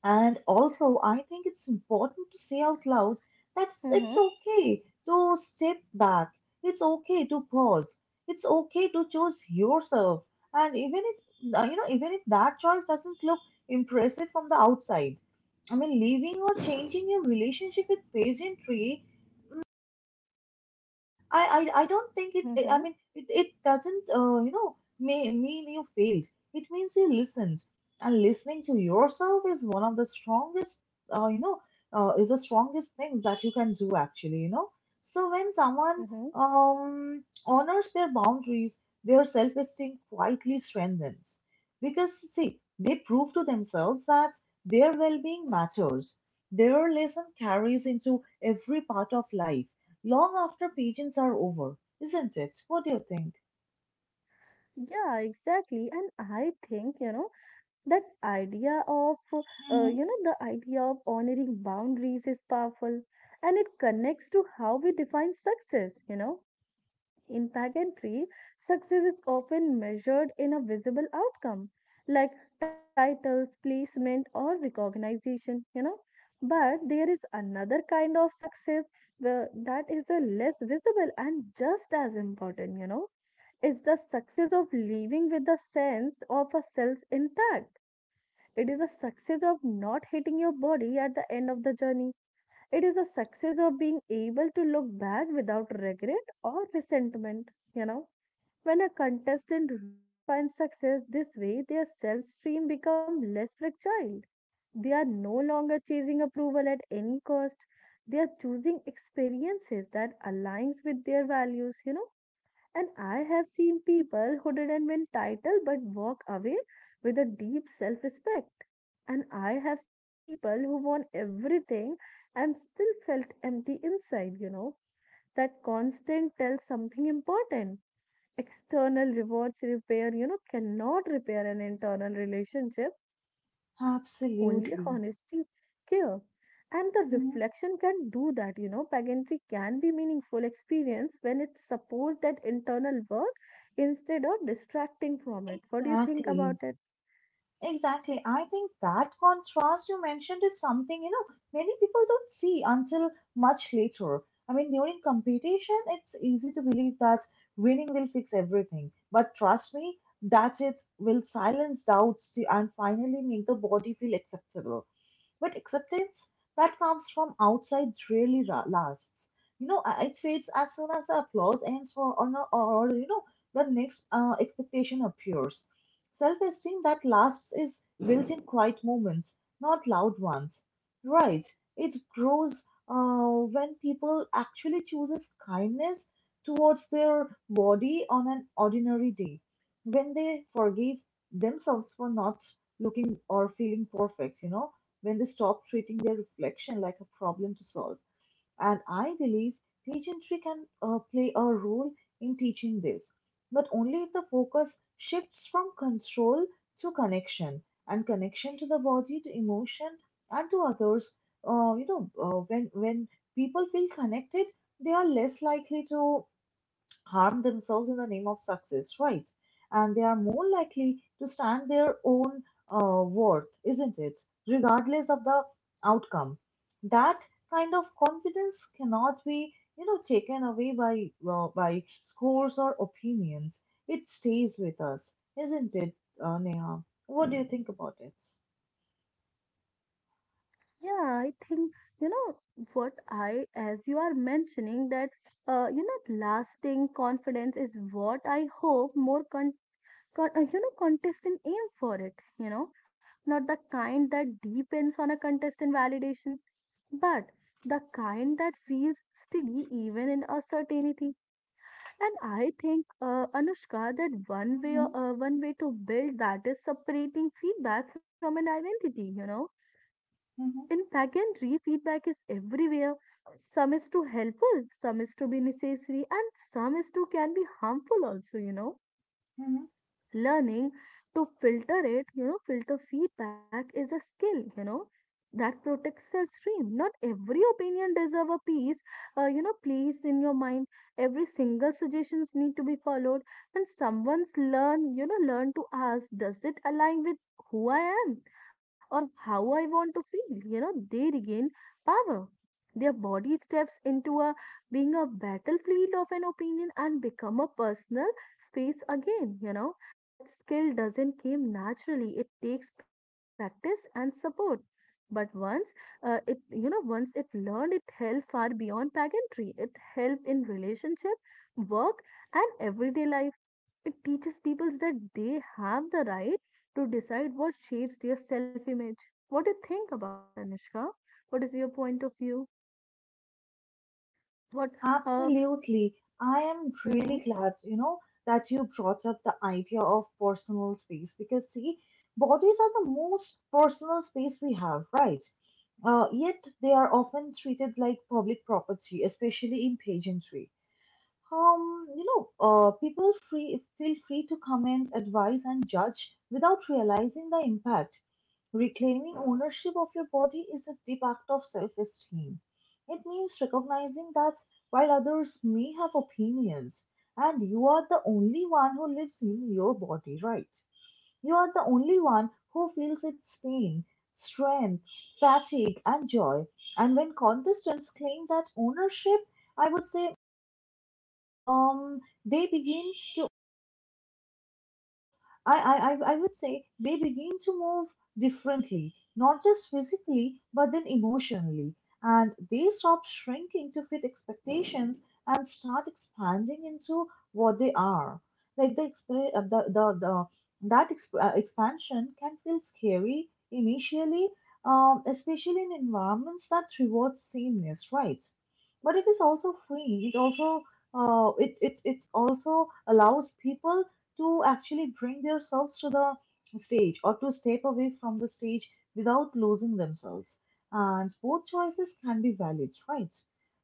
Speaker 1: And also, I think it's important to say out loud that it's
Speaker 2: Mm-hmm.
Speaker 1: okay to step back. It's okay to pause. It's okay to choose yourself. And even if, you know, Even if that choice doesn't look impressive from the outside, I mean, leaving or changing your relationship with pageantry, I don't think it, I
Speaker 2: Mm-hmm.
Speaker 1: mean, it doesn't mean you failed. It means you listened. And listening to yourself is one of the strongest, you know, is the strongest things that you can do actually, you know. So when someone,
Speaker 2: Mm-hmm.
Speaker 1: honors their boundaries, their self-esteem quietly strengthens. Because, see, they prove to themselves that their well-being matters. Their lesson carries into every part of life long after pageants are over, isn't it? What do you think?
Speaker 2: Yeah, exactly. And I think, you know, that idea of,
Speaker 1: Mm-hmm.
Speaker 2: the idea of honoring boundaries is powerful, and it connects to how we define success, you know. In pageantry, success is often measured in a visible outcome like titles, placement, or recognition, you know. But there is another kind of success where that is a less visible and just as important, you know. It's the success of living with the sense of a self intact. It is a success of not hitting your body at the end of the journey. It is a success of being able to look back without regret or resentment, you know. When a contestant redefines success this way, their self stream becomes less fragile. They are no longer chasing approval at any cost. They are choosing experiences that aligns with their values, you know. And I have seen people who didn't win title but walk away with a deep self-respect. And I have seen people who won everything and still felt empty inside, you know. That constant tells something important. External rewards repair, you know, cannot repair an internal relationship. Only
Speaker 1: Absolutely.
Speaker 2: honesty, care, and the
Speaker 1: Mm-hmm.
Speaker 2: reflection can do that. You know, pageantry can be meaningful experience when it supports that internal work instead of distracting from it. What do you think
Speaker 1: Exactly.
Speaker 2: about it?
Speaker 1: Exactly. I think that contrast you mentioned is something, you know, many people don't see until much later. I mean, during competition, it's easy to believe that winning will fix everything. But trust me, that it will silence doubts to, and finally make the body feel acceptable. But acceptance that comes from outside really lasts. It fades as soon as the applause ends, or, no- or you know, the next expectation appears. Self esteem that lasts is built in quiet moments, not loud ones. Right. It grows, uh, when people actually chooses kindness towards their body on an ordinary day, when they forgive themselves for not looking or feeling perfect, you know, when they stop treating their reflection like a problem to solve. And I believe pageantry can play a role in teaching this, but only if the focus shifts from control to connection, and connection to the body, to emotion, and to others. When people feel connected, they are less likely to harm themselves in the name of success, right? And they are more likely to stand their own, worth, isn't it? Regardless of the outcome. That kind of confidence cannot be, you know, taken away by scores or opinions. It stays with us, isn't it, Neha? What do you think about it?
Speaker 2: Yeah, I think, you know, what I, as you are mentioning, that, lasting confidence is what I hope more contestant aim for it, you know, not the kind that depends on a contestant validation, but the kind that feels steady even in uncertainty. And I think, Anushka, that one way,
Speaker 1: Mm-hmm.
Speaker 2: one way to build that is separating feedback from an identity, you know.
Speaker 1: Mm-hmm.
Speaker 2: In pageantry, feedback is everywhere. Some is too helpful, some is to be necessary, and some is to can be harmful also, learning to filter it, filter feedback is a skill, that protects self stream. Not every opinion deserve a piece, place in your mind. Every single suggestions need to be followed, and someone's learn to ask, does it align with who I am or how I want to feel? They regain power. Their body steps into a being a battlefield of an opinion and become a personal space again. That skill doesn't come naturally. It takes practice and support. But once it learned, it held far beyond pageantry. It helped in relationship, work, and everyday life. It teaches people that they have the right to decide what shapes their self-image. What do you think about that, Anushka? What is your point of view? What? Uh,
Speaker 1: Absolutely. I am really
Speaker 2: mhm.
Speaker 1: glad, you know, that you brought up the idea of personal space because, see, bodies are the most personal space we have, right? Yet they are often treated like public property, especially in pageantry. You know, people free feel free to comment, advise, and judge without realizing the impact. Reclaiming ownership of your body is a deep act of self-esteem. It means recognizing that while others may have opinions, and you are the only one who lives in your body, right? You are the only one who feels its pain, strength, fatigue, and joy. And when contestants claim that ownership, I would say they begin. I would say they begin to move differently, not just physically, but then emotionally. And they stop shrinking to fit expectations and start expanding into what they are. Like the, exp- the that exp- expansion can feel scary initially, especially in environments that reward sameness, right? But it is also free. It also allows people to actually bring themselves to the stage or to step away from the stage without losing themselves. And both choices can be valid, right?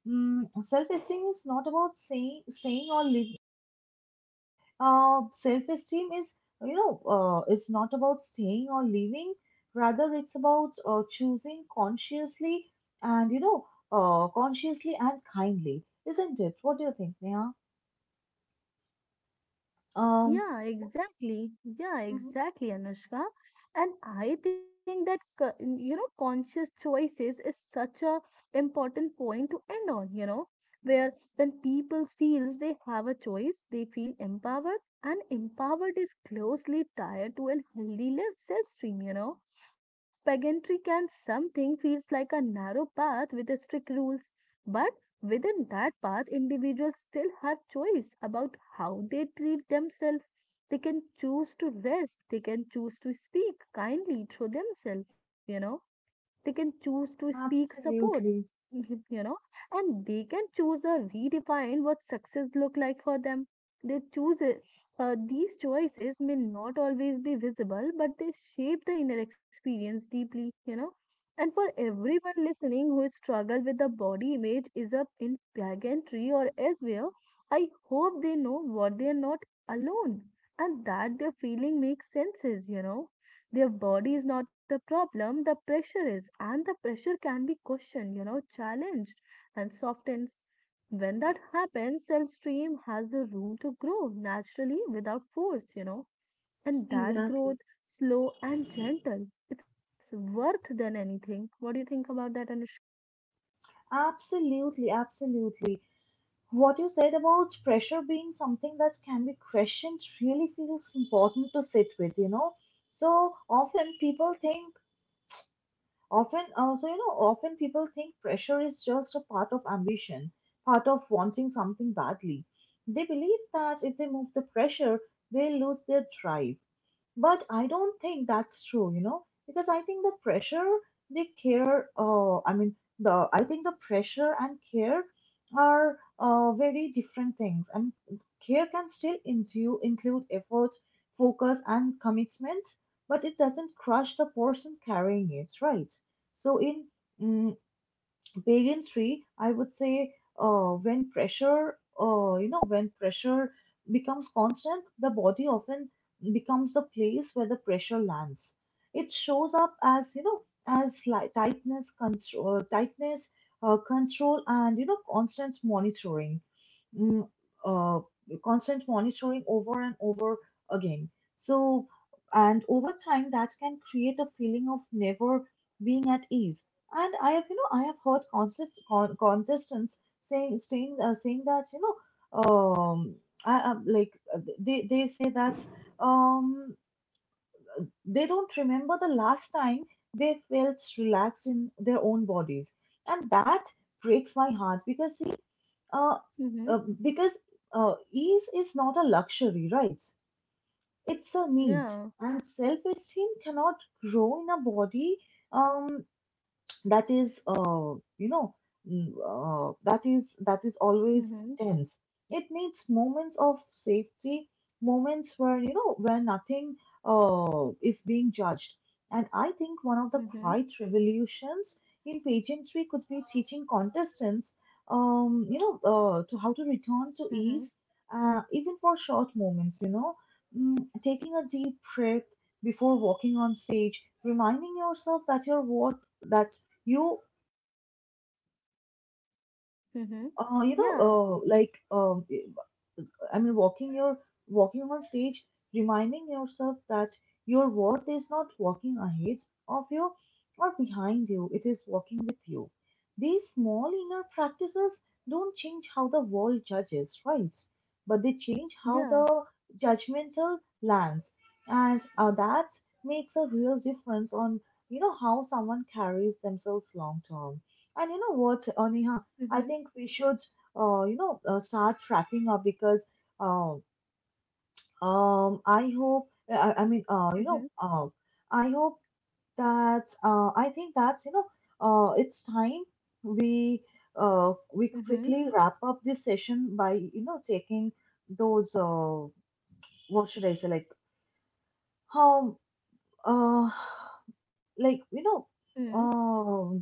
Speaker 1: Mm, self-esteem is not about saying staying or leaving. Self-esteem is, you know, it's not about staying or leaving. Rather, it's about choosing consciously, and you know, consciously and kindly, isn't it? What do you think, Neha? Um,
Speaker 2: Yeah, exactly. Yeah,
Speaker 1: Mhm.
Speaker 2: exactly, Anushka. And I think that conscious choices is such a important point to end on, where when people feels they have a choice, they feel empowered, and empowered is closely tied to a healthy live self-stream. Pageantry can something feels like a narrow path with a strict rules, but within that path, individuals still have choice about how they treat themselves. They can choose to rest, they can choose to speak kindly to themselves, they can choose to speak support, *laughs*
Speaker 1: Absolutely.
Speaker 2: you know, and they can choose or redefine what success look like for them. They choose it. These choices may not always be visible, but they shape the inner experience deeply. And for everyone listening who struggle with the body image is up in pageantry or elsewhere, I hope they know what they are not alone and that their feeling makes senses. Their body is not the problem, the pressure is, and the pressure can be questioned, challenged and softens. When that happens, cell stream has the room to grow naturally without force, and that growth,
Speaker 1: Exactly.
Speaker 2: slow and gentle, it's worth than anything. What do you think about that, Anushka?
Speaker 1: Absolutely, absolutely. What you said about pressure being something that can be questioned really feels important to sit with, you know. So often people think Often, often people think pressure is just a part of ambition, part of wanting something badly. They believe that if they move the pressure, they lose their drive. But I don't think that's true, you know, because I think the pressure, they care, I mean, the I think the pressure and care are, very different things. And care can include effort, focus, and commitment, but it doesn't crush the person carrying it, right? So in, mm, pageantry, I would say, when pressure becomes constant, the body often becomes the place where the pressure lands. It shows up as, you know, as like tightness, control, and you know, constant monitoring, mm, uh, over and over again. So, and over time, that can create a feeling of never being at ease. And I have, you know, I have heard contestants saying that, you know, I am like they say that, um, they don't remember the last time they felt relaxed in their own bodies, and that breaks my heart because see, uh,
Speaker 2: Mm-hmm.
Speaker 1: uh, because, ease is not a luxury, right? It's a need,
Speaker 2: Yeah.
Speaker 1: and self-esteem cannot grow in a body, um that is you know mm, that is always
Speaker 2: Mm-hmm.
Speaker 1: tense. It needs moments of safety, moments where, you know, where nothing, is being judged. And I think one of the
Speaker 2: Mm-hmm.
Speaker 1: quiet revolutions in pageantry could be teaching contestants, you know to how to return to
Speaker 2: Mm-hmm.
Speaker 1: ease, even for short moments, you know, mm, taking a deep breath before walking on stage, reminding yourself that your worth, that you
Speaker 2: Mm-hmm.
Speaker 1: you know
Speaker 2: Yeah.
Speaker 1: like I mean walking your walking on stage, reminding yourself that your worth is not walking ahead of you or behind you, it is walking with you. These small inner practices don't change how the world judges, right, but they change how
Speaker 2: Yeah.
Speaker 1: the judgmental lands. And, that makes a real difference on, you know, how someone carries themselves long term. And you know what, Aneha?
Speaker 2: Mm-hmm.
Speaker 1: I think we should, start wrapping up because, um, I hope, I mean, you
Speaker 2: Mm-hmm.
Speaker 1: know, I hope that I think that, you know, it's time we, we
Speaker 2: Mm-hmm.
Speaker 1: quickly wrap up this session by, you know, taking those, what should I say like how uh, like you know
Speaker 2: Mm-hmm.
Speaker 1: um,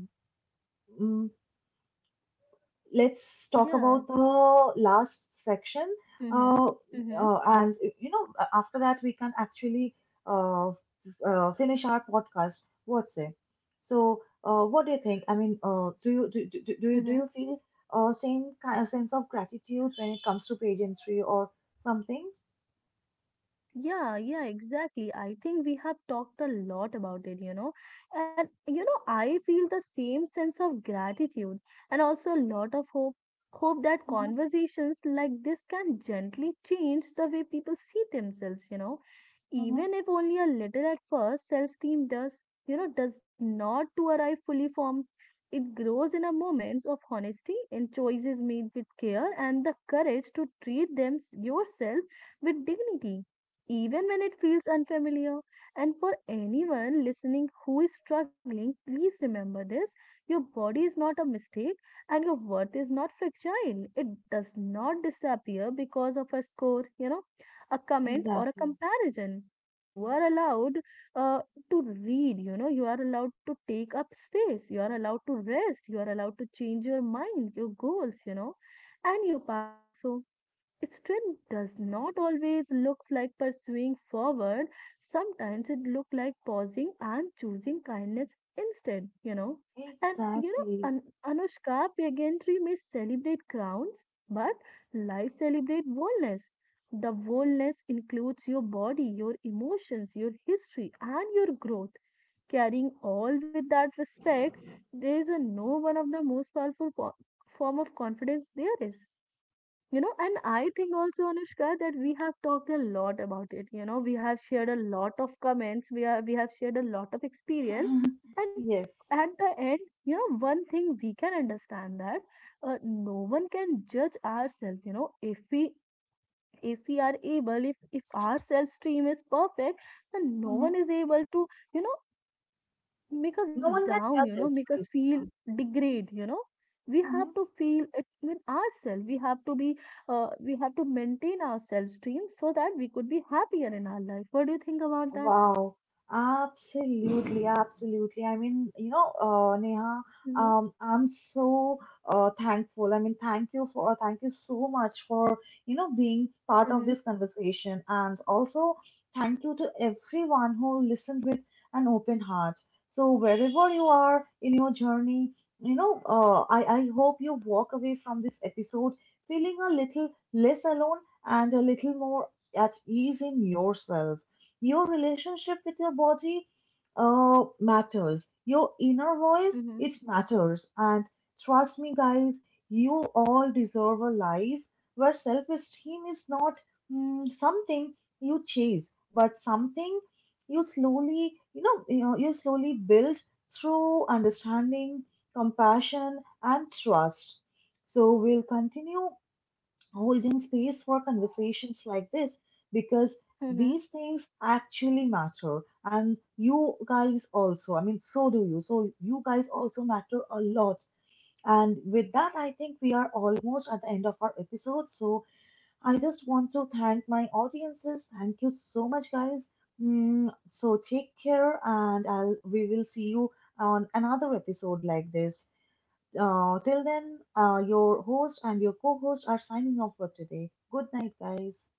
Speaker 1: let's talk
Speaker 2: Yeah.
Speaker 1: about the last section,
Speaker 2: Mm-hmm.
Speaker 1: uh,
Speaker 2: Mm-hmm.
Speaker 1: and you know, after that we can actually uh, finish our podcast. What's it? So what do you think? I mean do you do, do, do
Speaker 2: Mm-hmm.
Speaker 1: you feel, same kind of sense of gratitude when it comes to pageantry or something?
Speaker 2: Yeah, yeah, exactly. I think we have talked a lot about it. And, I feel the same sense of gratitude and also a lot of hope. Hope that
Speaker 1: Mm-hmm.
Speaker 2: conversations like this can gently change the way people see themselves.
Speaker 1: Mm-hmm.
Speaker 2: Even if only a little at first, self-esteem does, does not to arrive fully formed. It grows in a moments of honesty and choices made with care and the courage to treat them yourself with dignity even when it feels unfamiliar. And for anyone listening who is struggling, please remember this your body is not a mistake and your worth is not fragile. It does not disappear because of a score, a comment or a
Speaker 1: Exactly.
Speaker 2: comparison. You are allowed uh, to read, you are allowed to take up space, you are allowed to rest, you are allowed to change your mind, your goals, and your path also. Strength does not always look like pursuing forward. Sometimes it looks like pausing and choosing kindness instead. And
Speaker 1: Exactly.
Speaker 2: Anushka, pageantry may celebrate crowns, but life celebrates wholeness. The wholeness includes your body, your emotions, your history, and your growth. Carrying all with that respect, there is a no one of the most powerful form of confidence there is. And I think also, Anushka, that we have talked a lot about it. You know, we have shared a lot of comments. We have shared a lot of experience, and
Speaker 1: *laughs*
Speaker 2: at
Speaker 1: Yes.
Speaker 2: the end, one thing we can understand that no one can judge ourselves. You know, if we are able, if our self stream is perfect, then no one
Speaker 1: Hmm.
Speaker 2: is able to you know make us
Speaker 1: No one can
Speaker 2: down, you know,
Speaker 1: judge us.
Speaker 2: make us
Speaker 1: Right.
Speaker 2: feel degrade, We have
Speaker 1: Mm-hmm.
Speaker 2: to feel it with ourselves. We have to we have to maintain our self esteem so that we could be happier in our life. What do you think about that?
Speaker 1: Wow, absolutely, absolutely. I mean, you know, Neha,
Speaker 2: Mm-hmm,
Speaker 1: I'm so, thankful. I mean, thank you thank you so much for, you know, being part of
Speaker 2: mm-hmm,
Speaker 1: this conversation. And also, thank you to everyone who listened with an open heart. So, wherever you are in your journey, you know, I hope you walk away from this episode feeling a little less alone and a little more at ease in yourself. Your relationship with your body, matters. Your inner voice,
Speaker 2: mm-hmm,
Speaker 1: it matters. And trust me, guys, you all deserve a life where self esteem is not, mm, something you chase, but something you slowly, you know, you, know, you slowly build through understanding, compassion, and trust. So we'll continue holding space for conversations like this because
Speaker 2: mm-hmm.
Speaker 1: these things actually matter. And you guys also, I mean, so you guys also matter a lot. And with that, I think we are almost at the end of our episode. So I just want to thank my audiences. Thank you so much, guys. Mm, so take care, and I'll we will see you on another episode like this. Uh, till then, your host and your co host are signing off for today. Good night, guys.